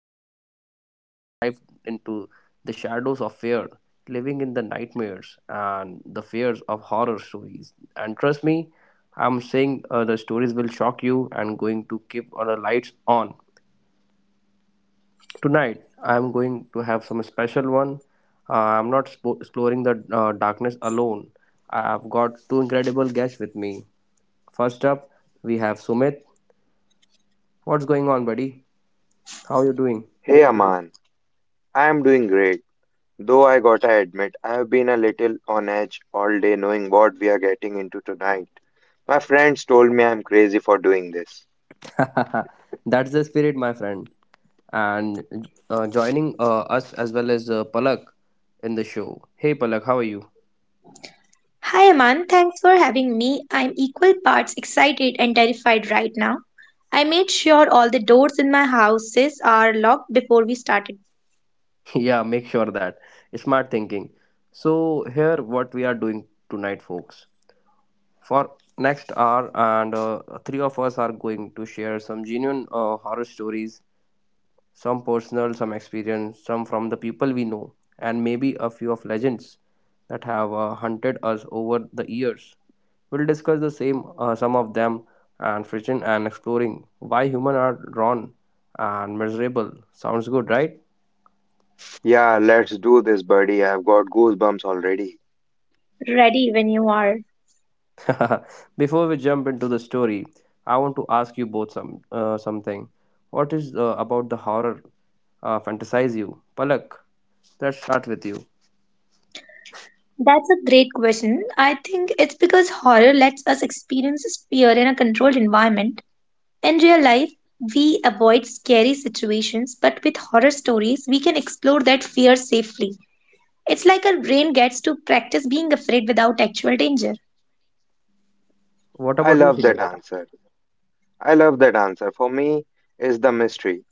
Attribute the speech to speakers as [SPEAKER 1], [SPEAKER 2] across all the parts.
[SPEAKER 1] Aman, and today we'll dive into the shadows of fear, living in the nightmares and the fears of horror stories. And trust me, I'm saying the stories will shock you and going to keep all the lights on. Tonight, I'm going to have some special one. Uh, I'm not spo- exploring the darkness alone. I've got two incredible guests with me. First up, we have Sumit. What's going on, buddy? How you doing?
[SPEAKER 2] Hey Aman, I am doing great. Though I gotta admit, I have been a little on edge all day knowing what we are getting into tonight. My friends told me I'm crazy for doing this.
[SPEAKER 1] That's the spirit, my friend. And joining us as well as Palak in the show. Hey, Palak, how are you?
[SPEAKER 3] Hi Aman, thanks for having me. I'm equal parts excited and terrified right now. I made sure all the doors in my houses are locked before we started.
[SPEAKER 1] Yeah, make sure that smart thinking. So here, what we are doing tonight, folks, for next hour, and three of us are going to share some genuine horror stories, some personal, some experience, some from the people we know, and maybe a few of legends that have hunted us over the years. We'll discuss the same some of them and friction and exploring why humans are drawn and miserable. Sounds good, right?
[SPEAKER 2] Yeah, let's do this, buddy. I've got goosebumps already.
[SPEAKER 3] Ready when you are.
[SPEAKER 1] Before we jump into the story, I want to ask you both some something. What is about the horror fantasize you? Palak, let's start with you.
[SPEAKER 3] That's a great question. I think it's because horror lets us experience fear in a controlled environment. In real life, we avoid scary situations, but with horror stories, we can explore that fear safely. It's like our brain gets to practice being afraid without actual danger.
[SPEAKER 1] What
[SPEAKER 2] I
[SPEAKER 1] about you,
[SPEAKER 2] love
[SPEAKER 1] Sudhir?
[SPEAKER 2] that answer. I love that answer. For me, is the mystery.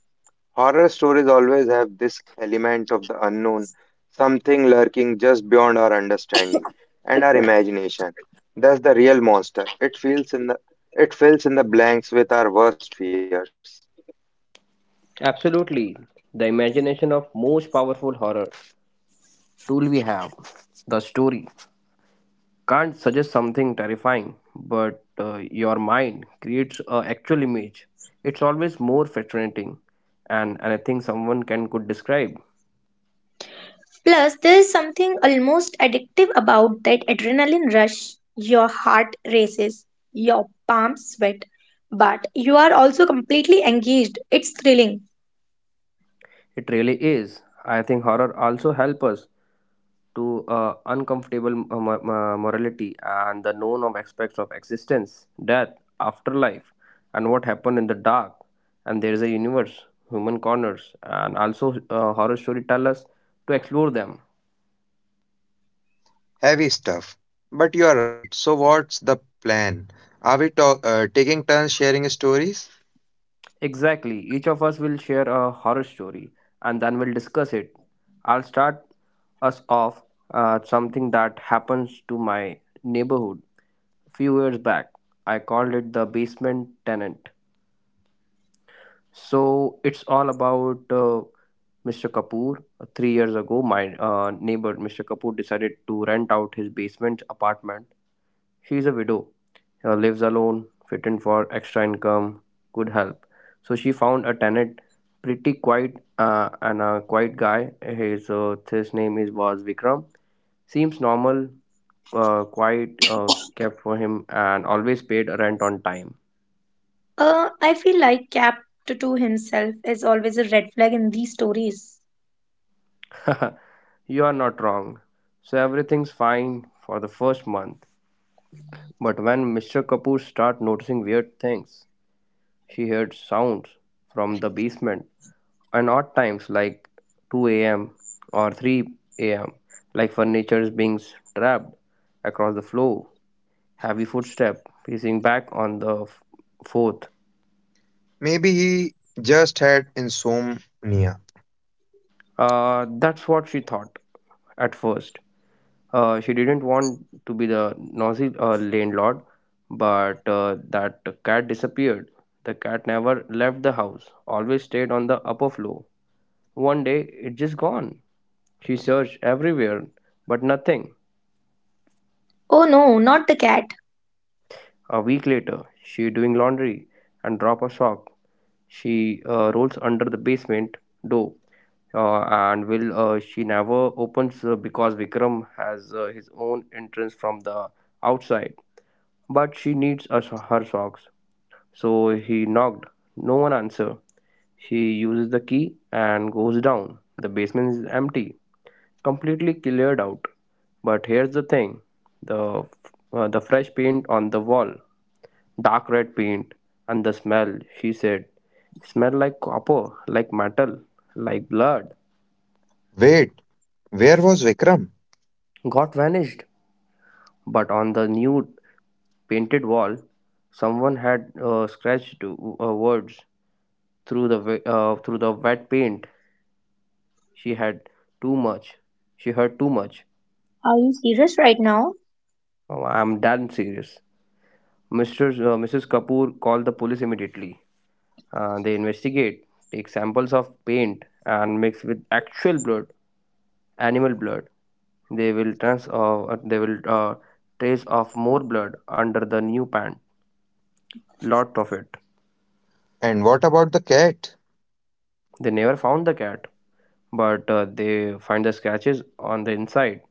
[SPEAKER 2] Horror stories always have this element of the unknown, something lurking just beyond our understanding and our imagination. That's the real monster. It fills in the blanks with our worst fears.
[SPEAKER 1] Absolutely. The imagination of most powerful horror tool we have, the story, can't suggest something terrifying, but your mind creates a actual image. It's always more fascinating, and anything someone can could describe.
[SPEAKER 3] Plus, there is something almost addictive about that adrenaline rush. Your heart races, your palms sweat, but you are also completely engaged. It's thrilling.
[SPEAKER 1] It really is. I think horror also help us to uncomfortable morality and the known of aspects of existence, death, afterlife, and what happened in the dark. And there is a universe, human corners, and also horror story tell to explore them.
[SPEAKER 2] Heavy stuff. But you are right. So what's the plan? Are we taking turns sharing stories?
[SPEAKER 1] Exactly, each of us will share a horror story, and then we'll discuss it. I'll start us off something that happens to my neighborhood few years back. I called it the basement tenant. So it's all about Mr. Kapoor. Three years ago, my neighbor Mr. Kapoor decided to rent out his basement apartment. She is a widow, lives alone, fitting for extra income, good help. So she found a tenant, pretty quiet and a quiet guy. His name is was Vikram. Seems normal, quiet, kept for him, and always paid rent on time.
[SPEAKER 3] I feel like Cap to himself is always a red flag in these stories.
[SPEAKER 1] You are not wrong. So everything's fine for the first month. But when Mr. Kapoor start noticing weird things, she heard sounds from the basement and odd times like 2 a.m. or 3 a.m., like furniture is being trapped across the floor, heavy footstep pacing back on the fourth.
[SPEAKER 2] Maybe he just had insomnia.
[SPEAKER 1] That's what she thought at first. She didn't want to be the nosy landlord, but that cat disappeared. The cat never left the house, always stayed on the upper floor. One day, it just gone. She searched everywhere, but nothing.
[SPEAKER 3] Oh no, not the cat.
[SPEAKER 1] A week later, she doing laundry and drop a sock. She rolls under the basement door, and will she never opens because Vikram has his own entrance from the outside. But she needs us her socks. So he knocked. No one answer. He uses the key and goes down. The basement is empty, completely cleared out. But here's the thing: the the fresh paint on the wall, dark red paint, and the smell. She said, "Smell like copper, like metal, like blood."
[SPEAKER 2] Wait, where was Vikram?
[SPEAKER 1] Got vanished. But on the new painted wall, someone had scratched words through the wet paint. She had too much. She heard too much.
[SPEAKER 3] Are you serious right now?
[SPEAKER 1] Oh, I'm damn serious. Mr. Mrs. Kapoor called the police immediately. They investigate, take samples of paint, and mix with actual blood, animal blood. They will trans they will trace of more blood under the new pant. Lot of it.
[SPEAKER 2] And what about the cat?
[SPEAKER 1] They never found the cat, but they find the scratches on the inside.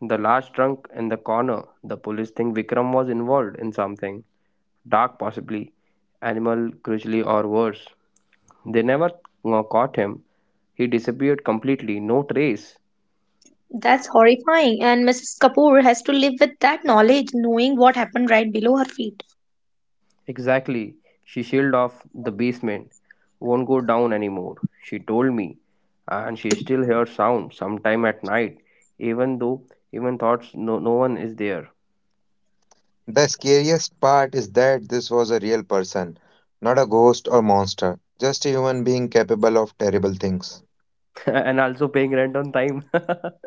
[SPEAKER 1] The large trunk in the corner. The police think Vikram was involved in something dark, possibly animal cruelty or worse. They never caught him. He disappeared completely, no trace.
[SPEAKER 3] That's horrifying, and Mrs. Kapoor has to live with that knowledge, knowing what happened right below her feet.
[SPEAKER 1] Exactly. She sealed off the basement. Won't go down anymore, she told me. And she still hears sound sometime at night, even though even thoughts no, no one is there.
[SPEAKER 2] The scariest part is that this was a real person, not a ghost or monster, just a human being capable of terrible things.
[SPEAKER 1] And also paying rent on time.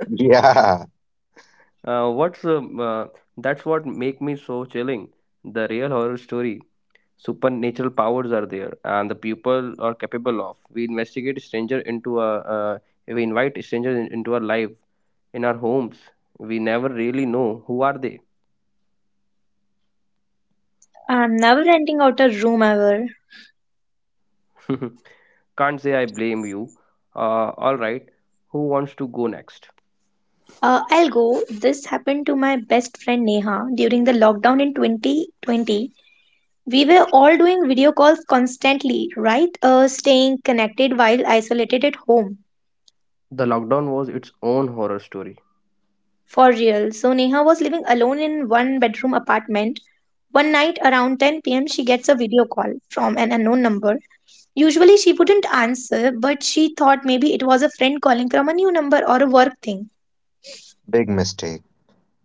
[SPEAKER 2] Yeah,
[SPEAKER 1] What's that's what make me so chilling. The real horror story. Supernatural powers are there, and the people are capable of. We investigate stranger into a. We invite strangers into our life, in our homes. We never really know who are they.
[SPEAKER 3] I'm never renting out a room ever.
[SPEAKER 1] Can't say I blame you. All right. Who wants to go next?
[SPEAKER 3] I'll go. This happened to my best friend Neha during the lockdown in 2020. We were all doing video calls constantly, right? Staying connected while isolated at home.
[SPEAKER 1] The lockdown was its own horror story.
[SPEAKER 3] For real. So Neha was living alone in one bedroom apartment. One night around 10 p.m., she gets a video call from an unknown number. Usually she wouldn't answer, but she thought maybe it was a friend calling from a new number or a work thing.
[SPEAKER 2] big mistake.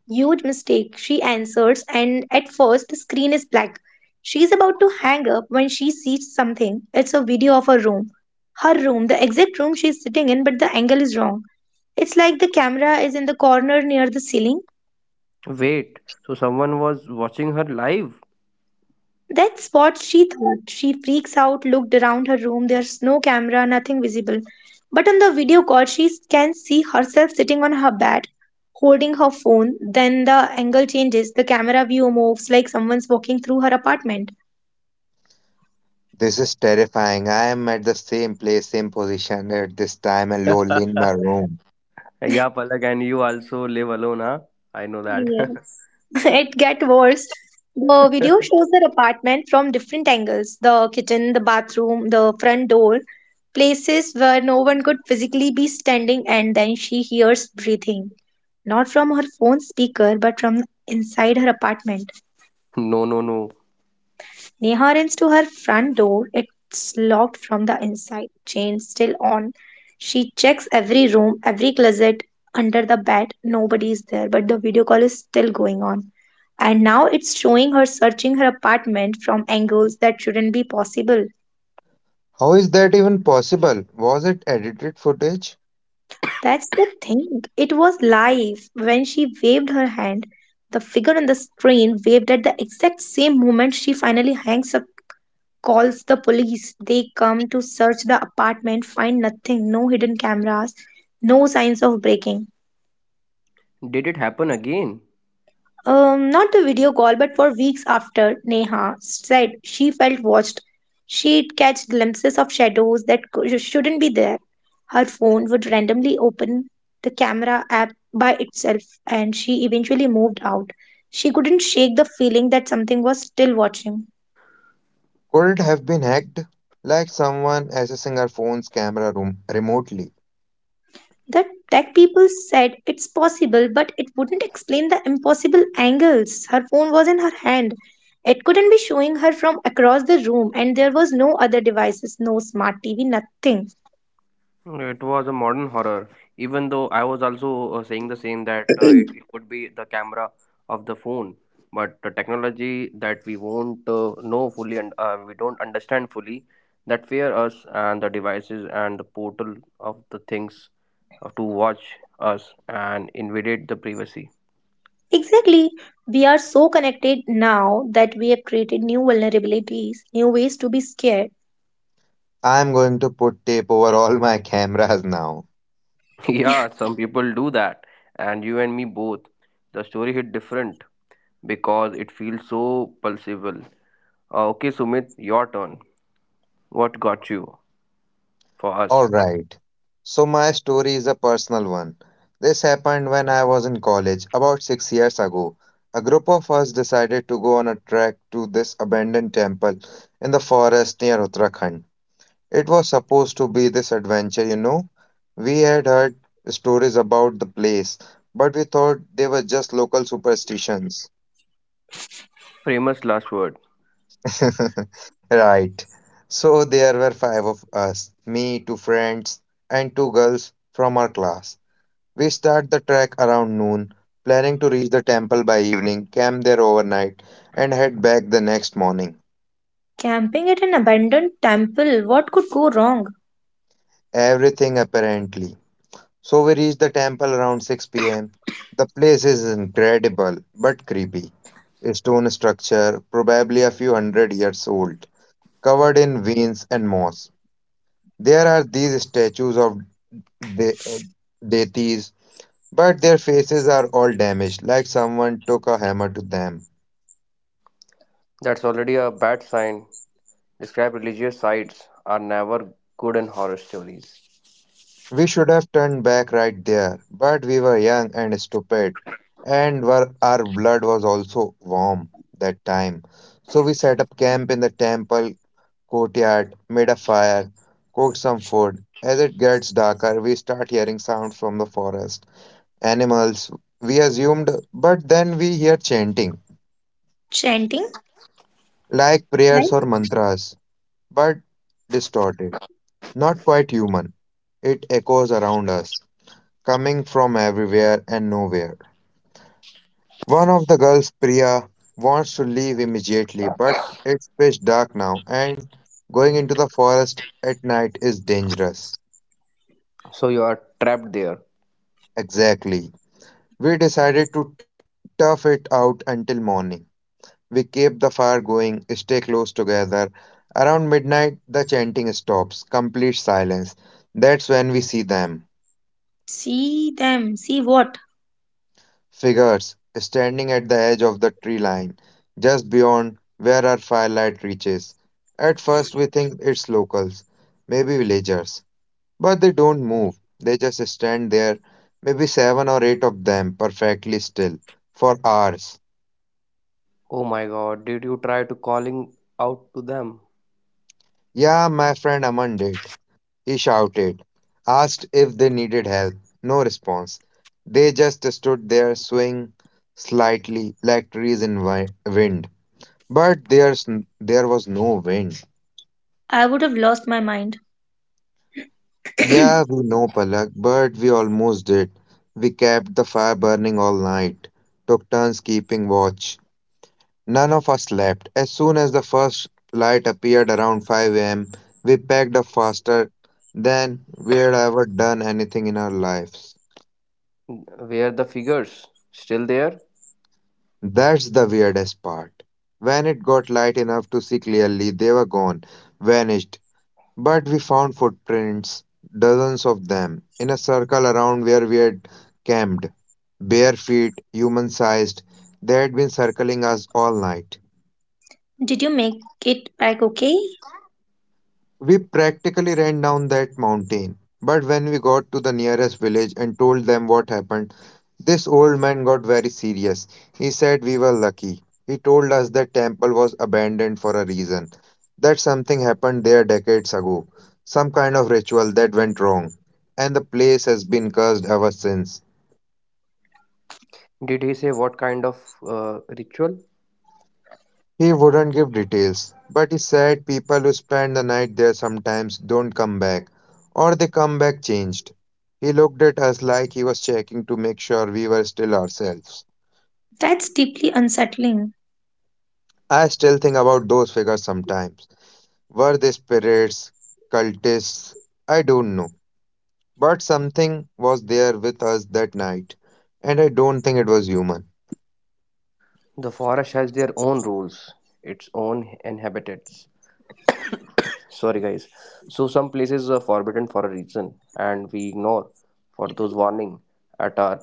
[SPEAKER 3] Huge mistake, she answers, and at first the screen is black. She's about to hang up when she sees something. It's a video of her room. Her room, the exact room she's sitting in, but the angle is wrong. It's like the camera is in the corner near the ceiling.
[SPEAKER 1] Wait. So someone was watching her live.
[SPEAKER 3] That's what she thought. She freaks out, looked around her room. There's no camera, nothing visible. But on the video call, she can see herself sitting on her bed, holding her phone. Then the angle changes. The camera view moves like someone's walking through her apartment.
[SPEAKER 2] This is terrifying. I am at the same place, same position at this time and lonely in my room.
[SPEAKER 1] Yeah, Palak, and you also live alone, huh? I know that.
[SPEAKER 3] Yes. It get worse. The video shows their apartment from different angles, the kitchen, the bathroom, the front door, places where no one could physically be standing, and then she hears breathing, not from her phone speaker, but from inside her apartment.
[SPEAKER 1] No, no, no.
[SPEAKER 3] Neha runs to her front door. It's locked from the inside, chain still on. She checks every room, every closet, under the bed. Nobody is there, but the video call is still going on. And now it's showing her searching her apartment from angles that shouldn't be possible.
[SPEAKER 2] How is that even possible? Was it edited footage?
[SPEAKER 3] That's the thing. It was live. When she waved her hand, the figure on the screen waved at the exact same moment she finally hangs up calls the police. They come to search the apartment, find nothing no hidden cameras, no signs of breaking.
[SPEAKER 1] Did it happen again?
[SPEAKER 3] Not the video call, but for weeks after, Neha said she felt watched. She'd catch glimpses of shadows that shouldn't be there. Her phone would randomly open the camera app by itself, and she eventually moved out. She couldn't shake the feeling that something was still watching.
[SPEAKER 2] Could it have been hacked? Like someone accessing our phone's camera room remotely.
[SPEAKER 3] The tech people said it's possible, but it wouldn't explain the impossible angles. Her phone was in her hand. It couldn't be showing her from across the room, and there was no other devices, no smart TV, nothing.
[SPEAKER 1] It was a modern horror. Even though I was also saying the same that it could be the camera of the phone, but the technology that we won't know fully and we don't understand fully that fear us and the devices and the portal of the things to watch us and invade the privacy.
[SPEAKER 3] Exactly. We are so connected now that we have created new vulnerabilities, new ways to be scared.
[SPEAKER 2] I am going to put tape over all my cameras now.
[SPEAKER 1] Yeah, some people do that, and you and me both. The story hit different because it feels so pulsable. Okay, Sumit, your turn. What got you for
[SPEAKER 2] All
[SPEAKER 1] us?
[SPEAKER 2] right. So my story is a personal one. This happened when I was in college about 6 years ago. A group of us decided to go on a trek to this abandoned temple in the forest near Uttarakhand. It was supposed to be this adventure, you know. We had heard stories about the place, but we thought they were just local superstitions.
[SPEAKER 1] Famous last word.
[SPEAKER 2] Right. So there were five of us, me, two friends, and two girls from our class. We start the trek around noon, planning to reach the temple by evening, camp there overnight, and head back the next morning.
[SPEAKER 3] Camping at an abandoned temple, what could go wrong?
[SPEAKER 2] Everything apparently. So we reach the temple around 6 pm. The place is incredible but creepy. A stone structure, probably a few hundred years old, covered in vines and moss. There are these statues of de- deities, but their faces are all damaged, like someone took a hammer to them.
[SPEAKER 1] That's already a bad sign. Describe religious sites are never good in horror stories.
[SPEAKER 2] We should have turned back right there, but we were young and stupid, and were, our blood was also warm that time. So we set up camp in the temple courtyard, made a fire, cooked some food. As it gets darker, we start hearing sounds from the forest. Animals, we assumed, but then we hear chanting,
[SPEAKER 3] Chanting?
[SPEAKER 2] like prayers or
[SPEAKER 3] Like,
[SPEAKER 2] mantras, but distorted, not quite human. It echoes around us, coming from everywhere and nowhere. One of the girls, Priya, wants to leave immediately, but it's pitch dark now, and going into the forest at night is dangerous.
[SPEAKER 1] So you are trapped there.
[SPEAKER 2] Exactly. We decided to tough it out until morning. We keep the fire going, stay close together. Around midnight, the chanting stops, complete silence. That's when we see them.
[SPEAKER 3] see them, see what?
[SPEAKER 2] Figures standing at the edge of the tree line, just beyond where our firelight reaches. At first, we think it's locals, maybe villagers, but they don't move. They just stand there, maybe seven or eight of them, perfectly still, for hours.
[SPEAKER 1] Oh my god, did you try to calling out to them?
[SPEAKER 2] Yeah, my friend Aman did. He shouted, asked if they needed help. No response. They just stood there, swaying slightly like trees in wind. But there was no wind.
[SPEAKER 3] I would have lost my mind.
[SPEAKER 2] Yeah,
[SPEAKER 3] Did
[SPEAKER 2] we know, Palak, but we almost did. We kept the fire burning all night, took turns keeping watch. None of us slept. As soon as the first light appeared around 5 a.m., we packed up faster than we'd ever done anything in our lives.
[SPEAKER 1] Were the figures still there?
[SPEAKER 2] That's the weirdest part. When it got light enough to see clearly, they were gone, vanished. But we found footprints, dozens of them, in a circle around where we had camped. Bare feet, human sized, they had been circling us all night.
[SPEAKER 3] you make it back okay?
[SPEAKER 2] We practically ran down that mountain. But when we got to the nearest village and told them what happened, this old man got very serious. He said we were lucky. He told us the temple was abandoned for a reason, that something happened there decades ago, some kind of ritual that went wrong, and the place has been cursed ever since.
[SPEAKER 1] Did he say what kind of ritual?
[SPEAKER 2] He wouldn't give details, but he said people who spend the night there sometimes don't come back, or they come back changed. He looked at us like he was checking to make sure we were still ourselves.
[SPEAKER 3] That's deeply unsettling.
[SPEAKER 2] I still think about those figures sometimes. Were they spirits, cultists? I don't know. But something was there with us that night, and I don't think it was human.
[SPEAKER 1] The forest has their own rules, its own inhabitants. Sorry, guys. So some places are forbidden for a reason, and we ignore for those warning at our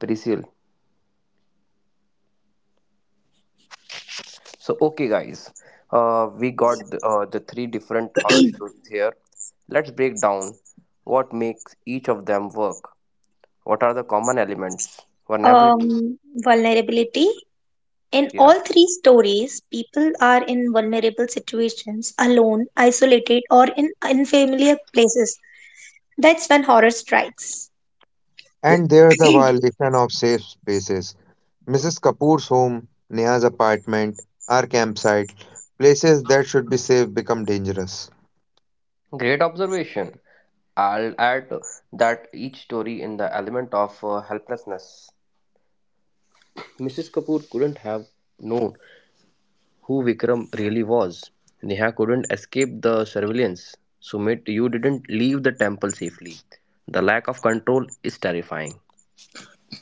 [SPEAKER 1] peril. So okay, guys. We got the three different horror stories here. Let's break down what makes each of them work. What are the common elements? Vulnerability.
[SPEAKER 3] Vulnerability. In
[SPEAKER 1] Yeah.
[SPEAKER 3] all three stories, people are in vulnerable situations, alone, isolated, or in unfamiliar places. That's when horror strikes.
[SPEAKER 2] And there's the violation of safe spaces. Mrs. Kapoor's home, Neha's apartment, our campsite, places that should be safe become dangerous.
[SPEAKER 1] Great observation. I'll add that each story in the element of helplessness. Mrs. Kapoor couldn't have known who Vikram really was. Neha couldn't escape the surveillance. Sumit, you didn't leave the temple safely. The lack of control is terrifying.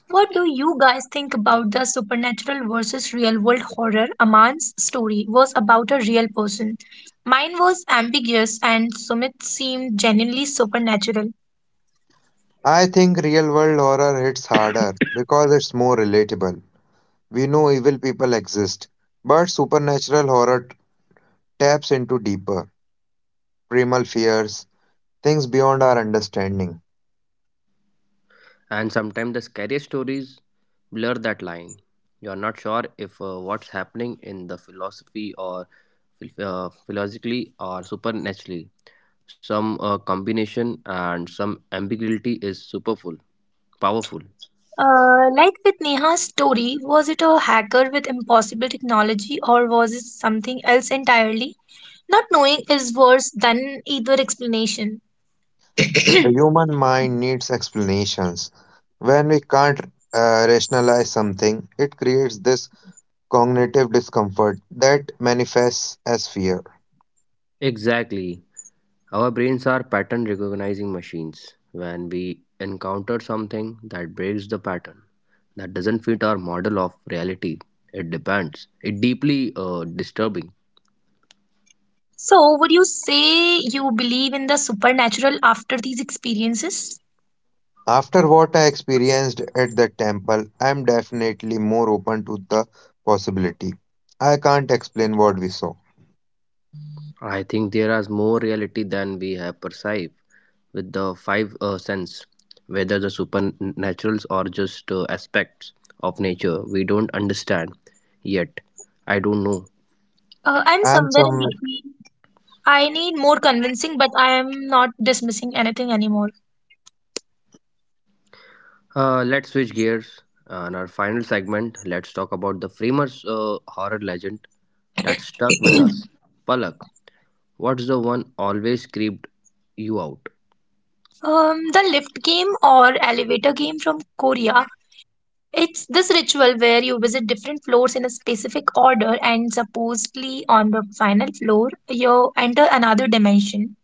[SPEAKER 3] What do you guys think about the supernatural versus real world horror? Aman's story was about a real person. Mine was ambiguous and Sumit seemed genuinely supernatural.
[SPEAKER 2] I think real world horror hits harder because it's more relatable. We know evil people exist, but supernatural horror taps into deeper, primal fears, things beyond our understanding.
[SPEAKER 1] And sometimes the scariest stories blur that line. You are not sure if what's happening in the philosophy or philosophically or supernaturally. Some combination and some ambiguity is superful, powerful.
[SPEAKER 3] Like with Neha's story, was it a hacker with impossible technology or was it something else entirely? Not knowing is worse than either explanation.
[SPEAKER 2] The human mind needs explanations. When we can't rationalize something, it creates this cognitive discomfort that manifests as fear.
[SPEAKER 1] Exactly. Our brains are pattern recognizing machines. When we encounter something that breaks the pattern, that doesn't fit our model of reality, it depends. It deeply disturbing.
[SPEAKER 3] So, would you say you believe in the supernatural after these experiences?
[SPEAKER 2] After what I experienced at the temple, I'm definitely more open to the possibility. I can't explain what we saw.
[SPEAKER 1] I think there is more reality than we have perceived with the five sense, whether the supernaturals or just aspects of nature we don't understand yet. I don't know.
[SPEAKER 3] I'm
[SPEAKER 2] And
[SPEAKER 3] somewhere in
[SPEAKER 2] some,
[SPEAKER 3] between. I need more convincing, but I am not dismissing anything anymore.
[SPEAKER 1] Let's switch gears. And our final segment, let's talk about the famous horror legend that stuck with us. Palak, what's the one always creeped you out?
[SPEAKER 3] The lift game or elevator game from Korea. It's this ritual where you visit different floors in a specific order, and supposedly on the final floor, you enter another dimension.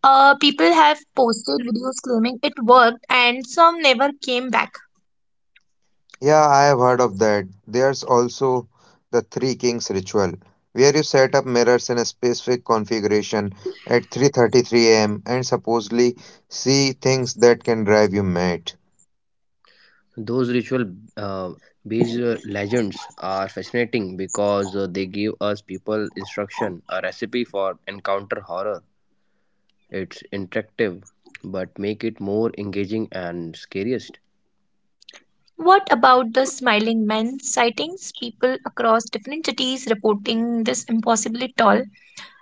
[SPEAKER 3] People have posted videos claiming it worked, and some never came back.
[SPEAKER 2] yeah, I have heard of that. There's also the Three Kings ritual, where you set up mirrors in a specific configuration at 3:33 a.m. and supposedly see things that can drive you mad.
[SPEAKER 1] Those ritual uh, based legends are fascinating because they give us people instruction, a recipe for encounter horror. It's interactive, but make it more engaging and scariest.
[SPEAKER 3] What about the smiling men sightings? People across different cities reporting this impossibly tall.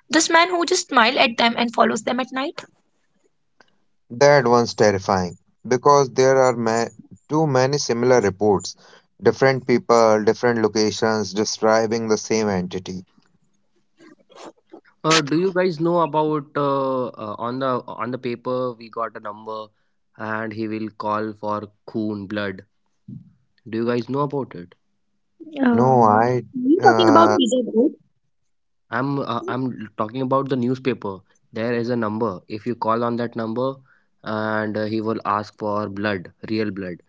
[SPEAKER 3] This man who just smiles at them and follows them at night.
[SPEAKER 2] That one's terrifying because there are too many similar reports, different people, different locations describing the same entity.
[SPEAKER 1] Do you guys know about on the paper we got a number and he will call for Khoon blood. Do you guys know about it?
[SPEAKER 2] No,
[SPEAKER 3] Um,
[SPEAKER 2] I,
[SPEAKER 3] are you talking about
[SPEAKER 2] uh,
[SPEAKER 3] Visa Gold?
[SPEAKER 1] I'm talking about the newspaper. There is a number. If you call on that number, and he will ask for blood, real blood,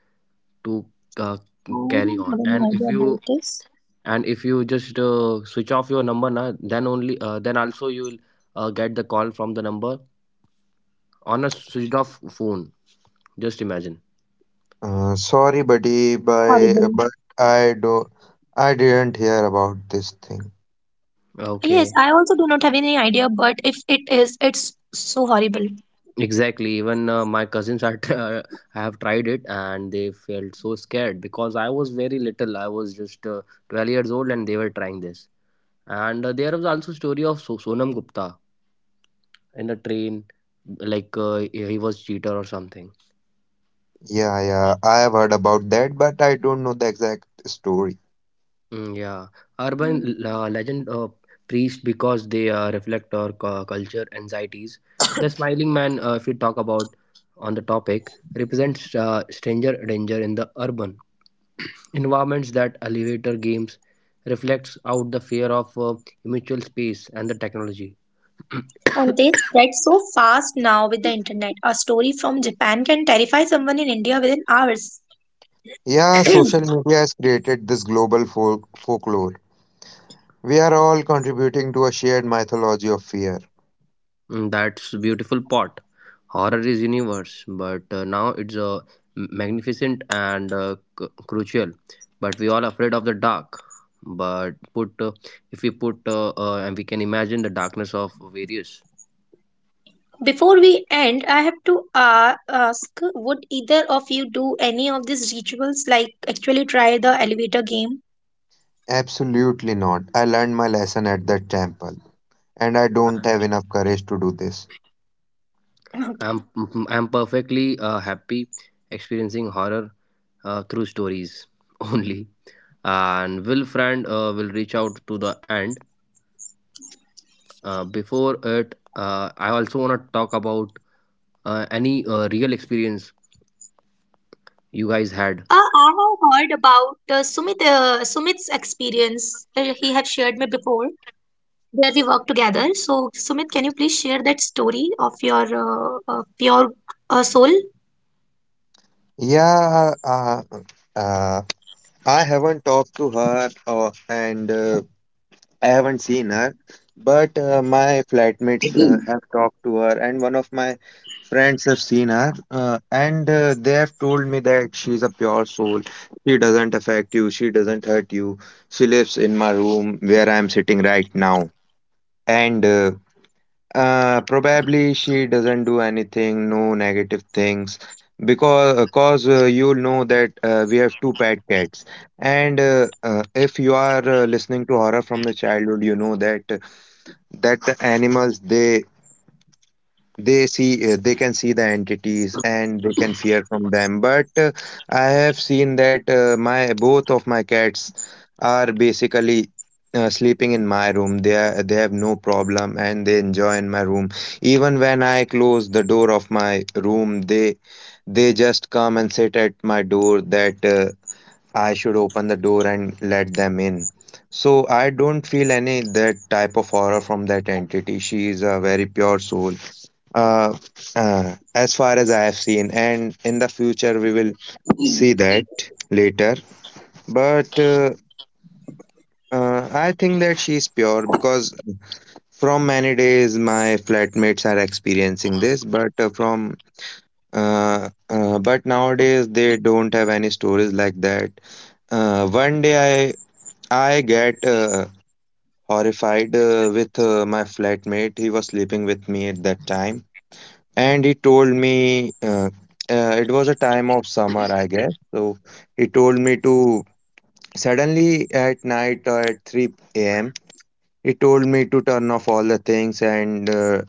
[SPEAKER 1] to uh,
[SPEAKER 3] I
[SPEAKER 1] carry
[SPEAKER 3] don't
[SPEAKER 1] on.
[SPEAKER 3] have any
[SPEAKER 1] And if
[SPEAKER 3] idea
[SPEAKER 1] you
[SPEAKER 3] about this.
[SPEAKER 1] and if you just switch off your number, na, then only then also you will get the call from the number on a switched off phone. Just imagine.
[SPEAKER 2] Sorry, buddy, by,
[SPEAKER 3] Horrible.
[SPEAKER 2] but I do, I didn't hear about this thing.
[SPEAKER 3] Yes,
[SPEAKER 1] Okay.
[SPEAKER 3] I also do not have any idea, but if it is, it's so horrible.
[SPEAKER 1] Exactly. Even my cousins are have tried it and they felt so scared because I was very little. I was just 12 years old and they were trying this. And there was also story of Sonam Gupta in a train, like he was cheater or something.
[SPEAKER 2] Yeah, yeah, I have heard about that, but I don't know the exact story.
[SPEAKER 1] Mm, yeah,
[SPEAKER 3] Hmm.
[SPEAKER 1] urban legend priest because they reflect our culture anxieties. The smiling man, if we talk about on the topic, represents stranger danger in the urban environments that elevator games reflects out the fear of mutual space and the technology.
[SPEAKER 3] And they spread so fast now with the internet. A story from Japan can terrify someone in India within hours.
[SPEAKER 2] Yeah, social media has created this global folklore. We are all contributing to a shared mythology of fear.
[SPEAKER 1] Mm, that's beautiful pot. Horror is universe, but now it's magnificent and crucial. But we all afraid of the dark. But put if we put and we can imagine the darkness of various.
[SPEAKER 3] Before we end, I have to ask would either of you do any of these rituals, like actually try the elevator game?
[SPEAKER 2] Absolutely not. I learned my lesson at the temple, and I don't have
[SPEAKER 1] I-
[SPEAKER 2] enough courage to do this.
[SPEAKER 1] I'm
[SPEAKER 3] Okay.
[SPEAKER 1] I'm perfectly happy experiencing horror through stories only. And Will Friend will reach out to the end. Before it, I also want to talk about any real experience you guys had?
[SPEAKER 3] I have heard about Sumit's experience. He have shared me before. Where we work together. So, Sumit, can you please share that story of your pure soul?
[SPEAKER 2] Yeah, uh, uh, I haven't talked to her, and I haven't seen her, but my flatmates have talked to her, and one of my friends have seen her, and they have told me that she's a pure soul. She doesn't affect you, she doesn't hurt you. She lives in my room where I'm sitting right now. And Probably she doesn't do anything, no negative things, because cause you know that we have two pet cats, and if you are listening to horror from the childhood, you know that that the animals they see they can see the entities and they can fear from them, but I have seen that my both of my cats are basically sleeping in my room. They have no problem and they enjoy in my room. Even when I close the door of my room, they just come and sit at my door that I should open the door and let them in. So I don't feel any that type of horror from that entity. She is a very pure soul, uh, as far as I have seen, and in the future we will see that later. But I think that she's pure because from many days my flatmates are experiencing this, but from but nowadays they don't have any stories like that. One day I get horrified with my flatmate. He was sleeping with me at that time. And he told me it was a time of summer, I guess. So he told me to suddenly at night at 3 a.m. He told me to turn off all the things and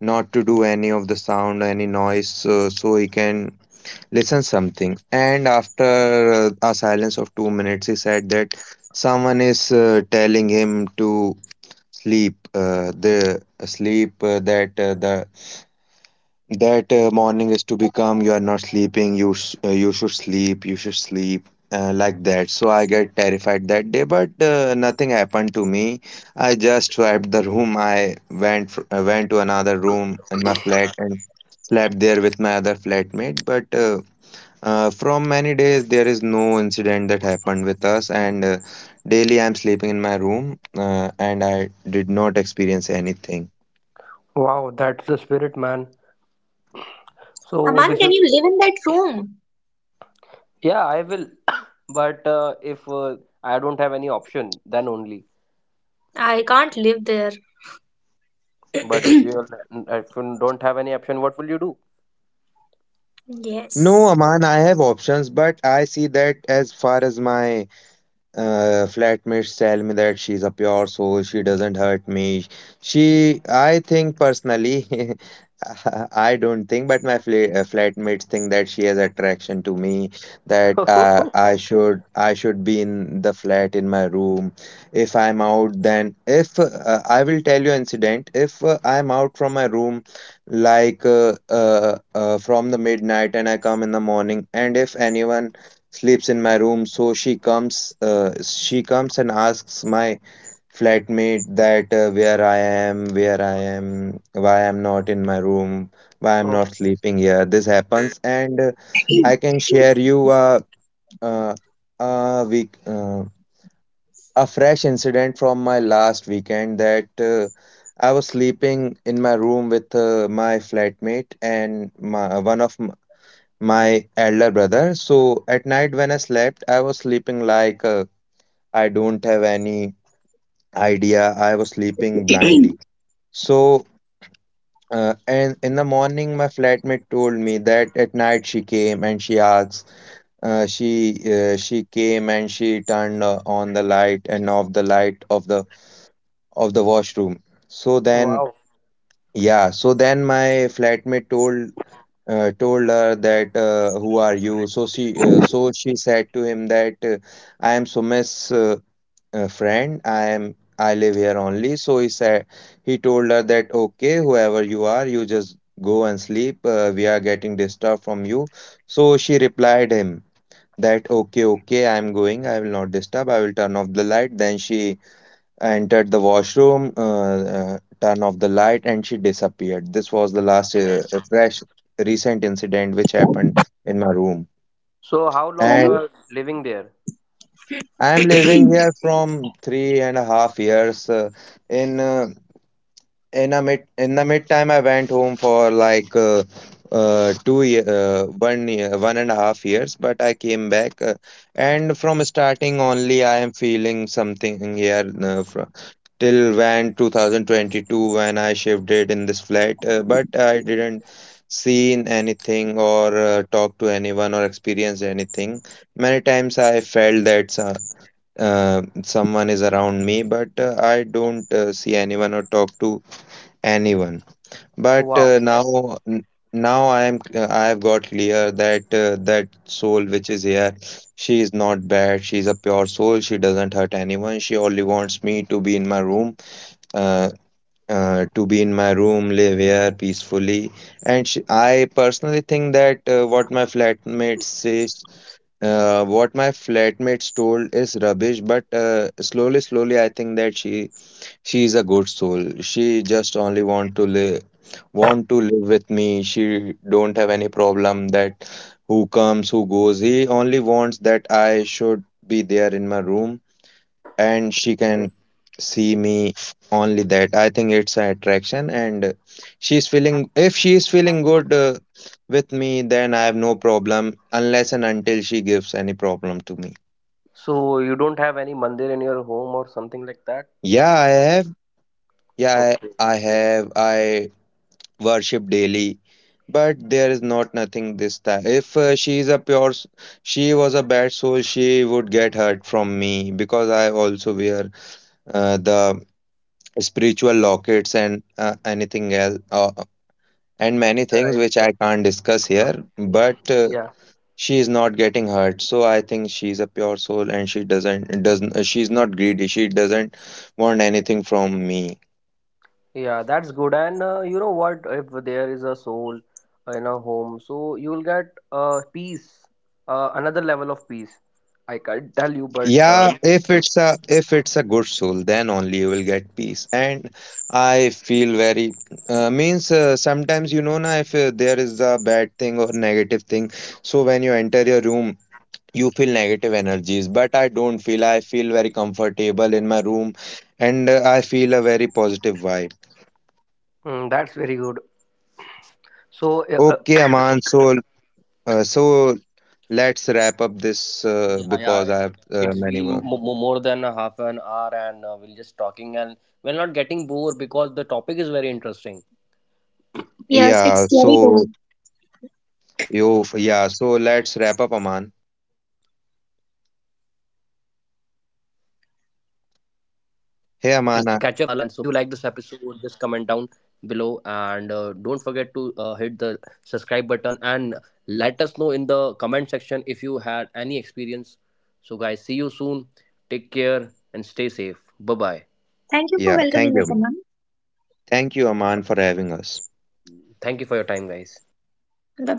[SPEAKER 2] not to do any of the sound, any noise, so he can listen something. And after a silence of 2 minutes, he said that someone is telling him to sleep. The sleep that the That Morning is to become you are not sleeping, you should sleep, like that. So I get terrified that day, but nothing happened to me. I just swiped the room. I went fr went to another room in my flat and slept there with my other flatmate. But From many days, there is no incident that happened with us, and daily I'm sleeping in my room, and I did not experience anything.
[SPEAKER 1] Wow, that's the spirit, man. So
[SPEAKER 3] Aman,
[SPEAKER 1] this
[SPEAKER 3] can
[SPEAKER 1] is
[SPEAKER 3] you live in that room?
[SPEAKER 1] yeah, I will. But if I don't have any option, then only.
[SPEAKER 3] I can't live there.
[SPEAKER 1] But if you if you don't have any option, what will you do?
[SPEAKER 2] No,
[SPEAKER 3] Yes.
[SPEAKER 2] Aman, I have options, but I see that as far as my flatmates tell me that she's a pure soul. She doesn't hurt me. She, I think personally, I don't think, but my flatmates think that she has attraction to me. That I should be in the flat in my room. If I'm out, then if I will tell you incident. If I'm out from my room, like from the midnight, and I come in the morning, and if anyone sleeps in my room. So she comes and asks my flatmate that where I am, why I'm not in my room, why I'm not
[SPEAKER 1] Okay.
[SPEAKER 2] sleeping here. This happens, and I can share you uh, a week a fresh incident from my last weekend that. I was sleeping in my room with my flatmate, and my, one of my elder brother. So at night when I slept, I was sleeping like I don't have any idea. I was sleeping blindly. So and in the morning, my flatmate told me that at night she came and she asked. She she came and she turned on the light and off the light of the washroom. So then,
[SPEAKER 1] Wow.
[SPEAKER 2] yeah, so then my flatmate told told her that, who are you? So she so she said to him that, I am Sumesh, friend. I am I live here only. So he said, he told her that, okay, whoever you are, you just go and sleep. We are getting disturbed from you. So she replied him that, okay, okay, I am going, I will not disturb, I will turn off the light. Then she entered the washroom, turned off the light, and she disappeared. This was the last, fresh, recent incident which happened in my room.
[SPEAKER 1] So how long
[SPEAKER 3] Can
[SPEAKER 1] you
[SPEAKER 2] And
[SPEAKER 3] you?
[SPEAKER 1] are living there?
[SPEAKER 2] I'm living here from 3.5 years. In uh, in a mid in the mid time, I went home for 2 year, one year, 1.5 years. But I came back, and from starting only, I am feeling something here. Fr Till when 2022, when I shifted in this flat, but I didn't seen anything or talk to anyone or experience anything. Many times I felt that someone is around me, but I don't see anyone or talk to anyone. But
[SPEAKER 1] Wow.
[SPEAKER 2] now I am I have got clear that that soul which is here, she is not bad. She is a pure soul. She doesn't hurt anyone. She only wants me to be in my room, uh, to be in my room, live here peacefully. And sh I personally think that what my flatmates says, what my flatmates told is rubbish. But slowly, slowly, I think that she is a good soul. She just only want to live with me. She don't have any problem that who comes, who goes. He only wants that I should be there in my room, and she can see me. Only that, I think, it's an attraction, and she's feeling if she is feeling good with me, then I have no problem, unless and until she gives any problem to me.
[SPEAKER 1] So you don't have any mandir in your home or something like that?
[SPEAKER 2] Yeah, I have, yeah
[SPEAKER 1] Okay.
[SPEAKER 2] i, I have i worship daily, but there is not nothing this time. If she is a pure s- she was a bad soul, she would get hurt from me, because I also wear the spiritual lockets and anything else, and many things
[SPEAKER 1] Right.
[SPEAKER 2] which I can't discuss here. But
[SPEAKER 1] Yeah.
[SPEAKER 2] she is not getting hurt, so I think she's a pure soul and she doesn't she's not greedy, she doesn't want anything from me.
[SPEAKER 1] Yeah, that's good. And you know what? If there is a soul in a home, so you'll get peace, another level of peace. I can't tell you, but you
[SPEAKER 2] Yeah,
[SPEAKER 1] know
[SPEAKER 2] if
[SPEAKER 1] what I mean.
[SPEAKER 2] it's a good soul, then only you will get peace. And I feel very means sometimes, you know na, if there is a bad thing or negative thing, so when you enter your room, you feel negative energies. But I don't feel, I feel very comfortable in my room, and I feel a very positive vibe.
[SPEAKER 1] Mm, that's very good. So, uh, uh,
[SPEAKER 2] Okay, Aman, so so let's wrap up this,
[SPEAKER 1] yeah, yeah,
[SPEAKER 2] because I have
[SPEAKER 1] it's been
[SPEAKER 2] many work.
[SPEAKER 1] more than a half an hour, and we're just talking, and we're not getting bored because the topic is very interesting.
[SPEAKER 3] Yes, it's
[SPEAKER 2] Yeah,
[SPEAKER 3] scary
[SPEAKER 2] so
[SPEAKER 3] too.
[SPEAKER 2] you, yeah, so let's wrap up, Aman.
[SPEAKER 1] Yeah, we'll catch up soon, guys, with Palak and Sumit. How do you
[SPEAKER 2] hey
[SPEAKER 1] like this
[SPEAKER 2] aman I-
[SPEAKER 1] episode? Just comment down below and don't forget to hit the subscribe button and let us know in the comment section if you had any experience. So, guys, see you soon. Take care and stay safe. Bye bye.
[SPEAKER 3] Thank you for
[SPEAKER 2] Yeah,
[SPEAKER 3] welcoming
[SPEAKER 2] thank
[SPEAKER 3] us,
[SPEAKER 2] you, Aman.
[SPEAKER 3] Aman.
[SPEAKER 2] Thank you, Aman, for having us.
[SPEAKER 1] Thank you for your time, guys.
[SPEAKER 3] Bye bye.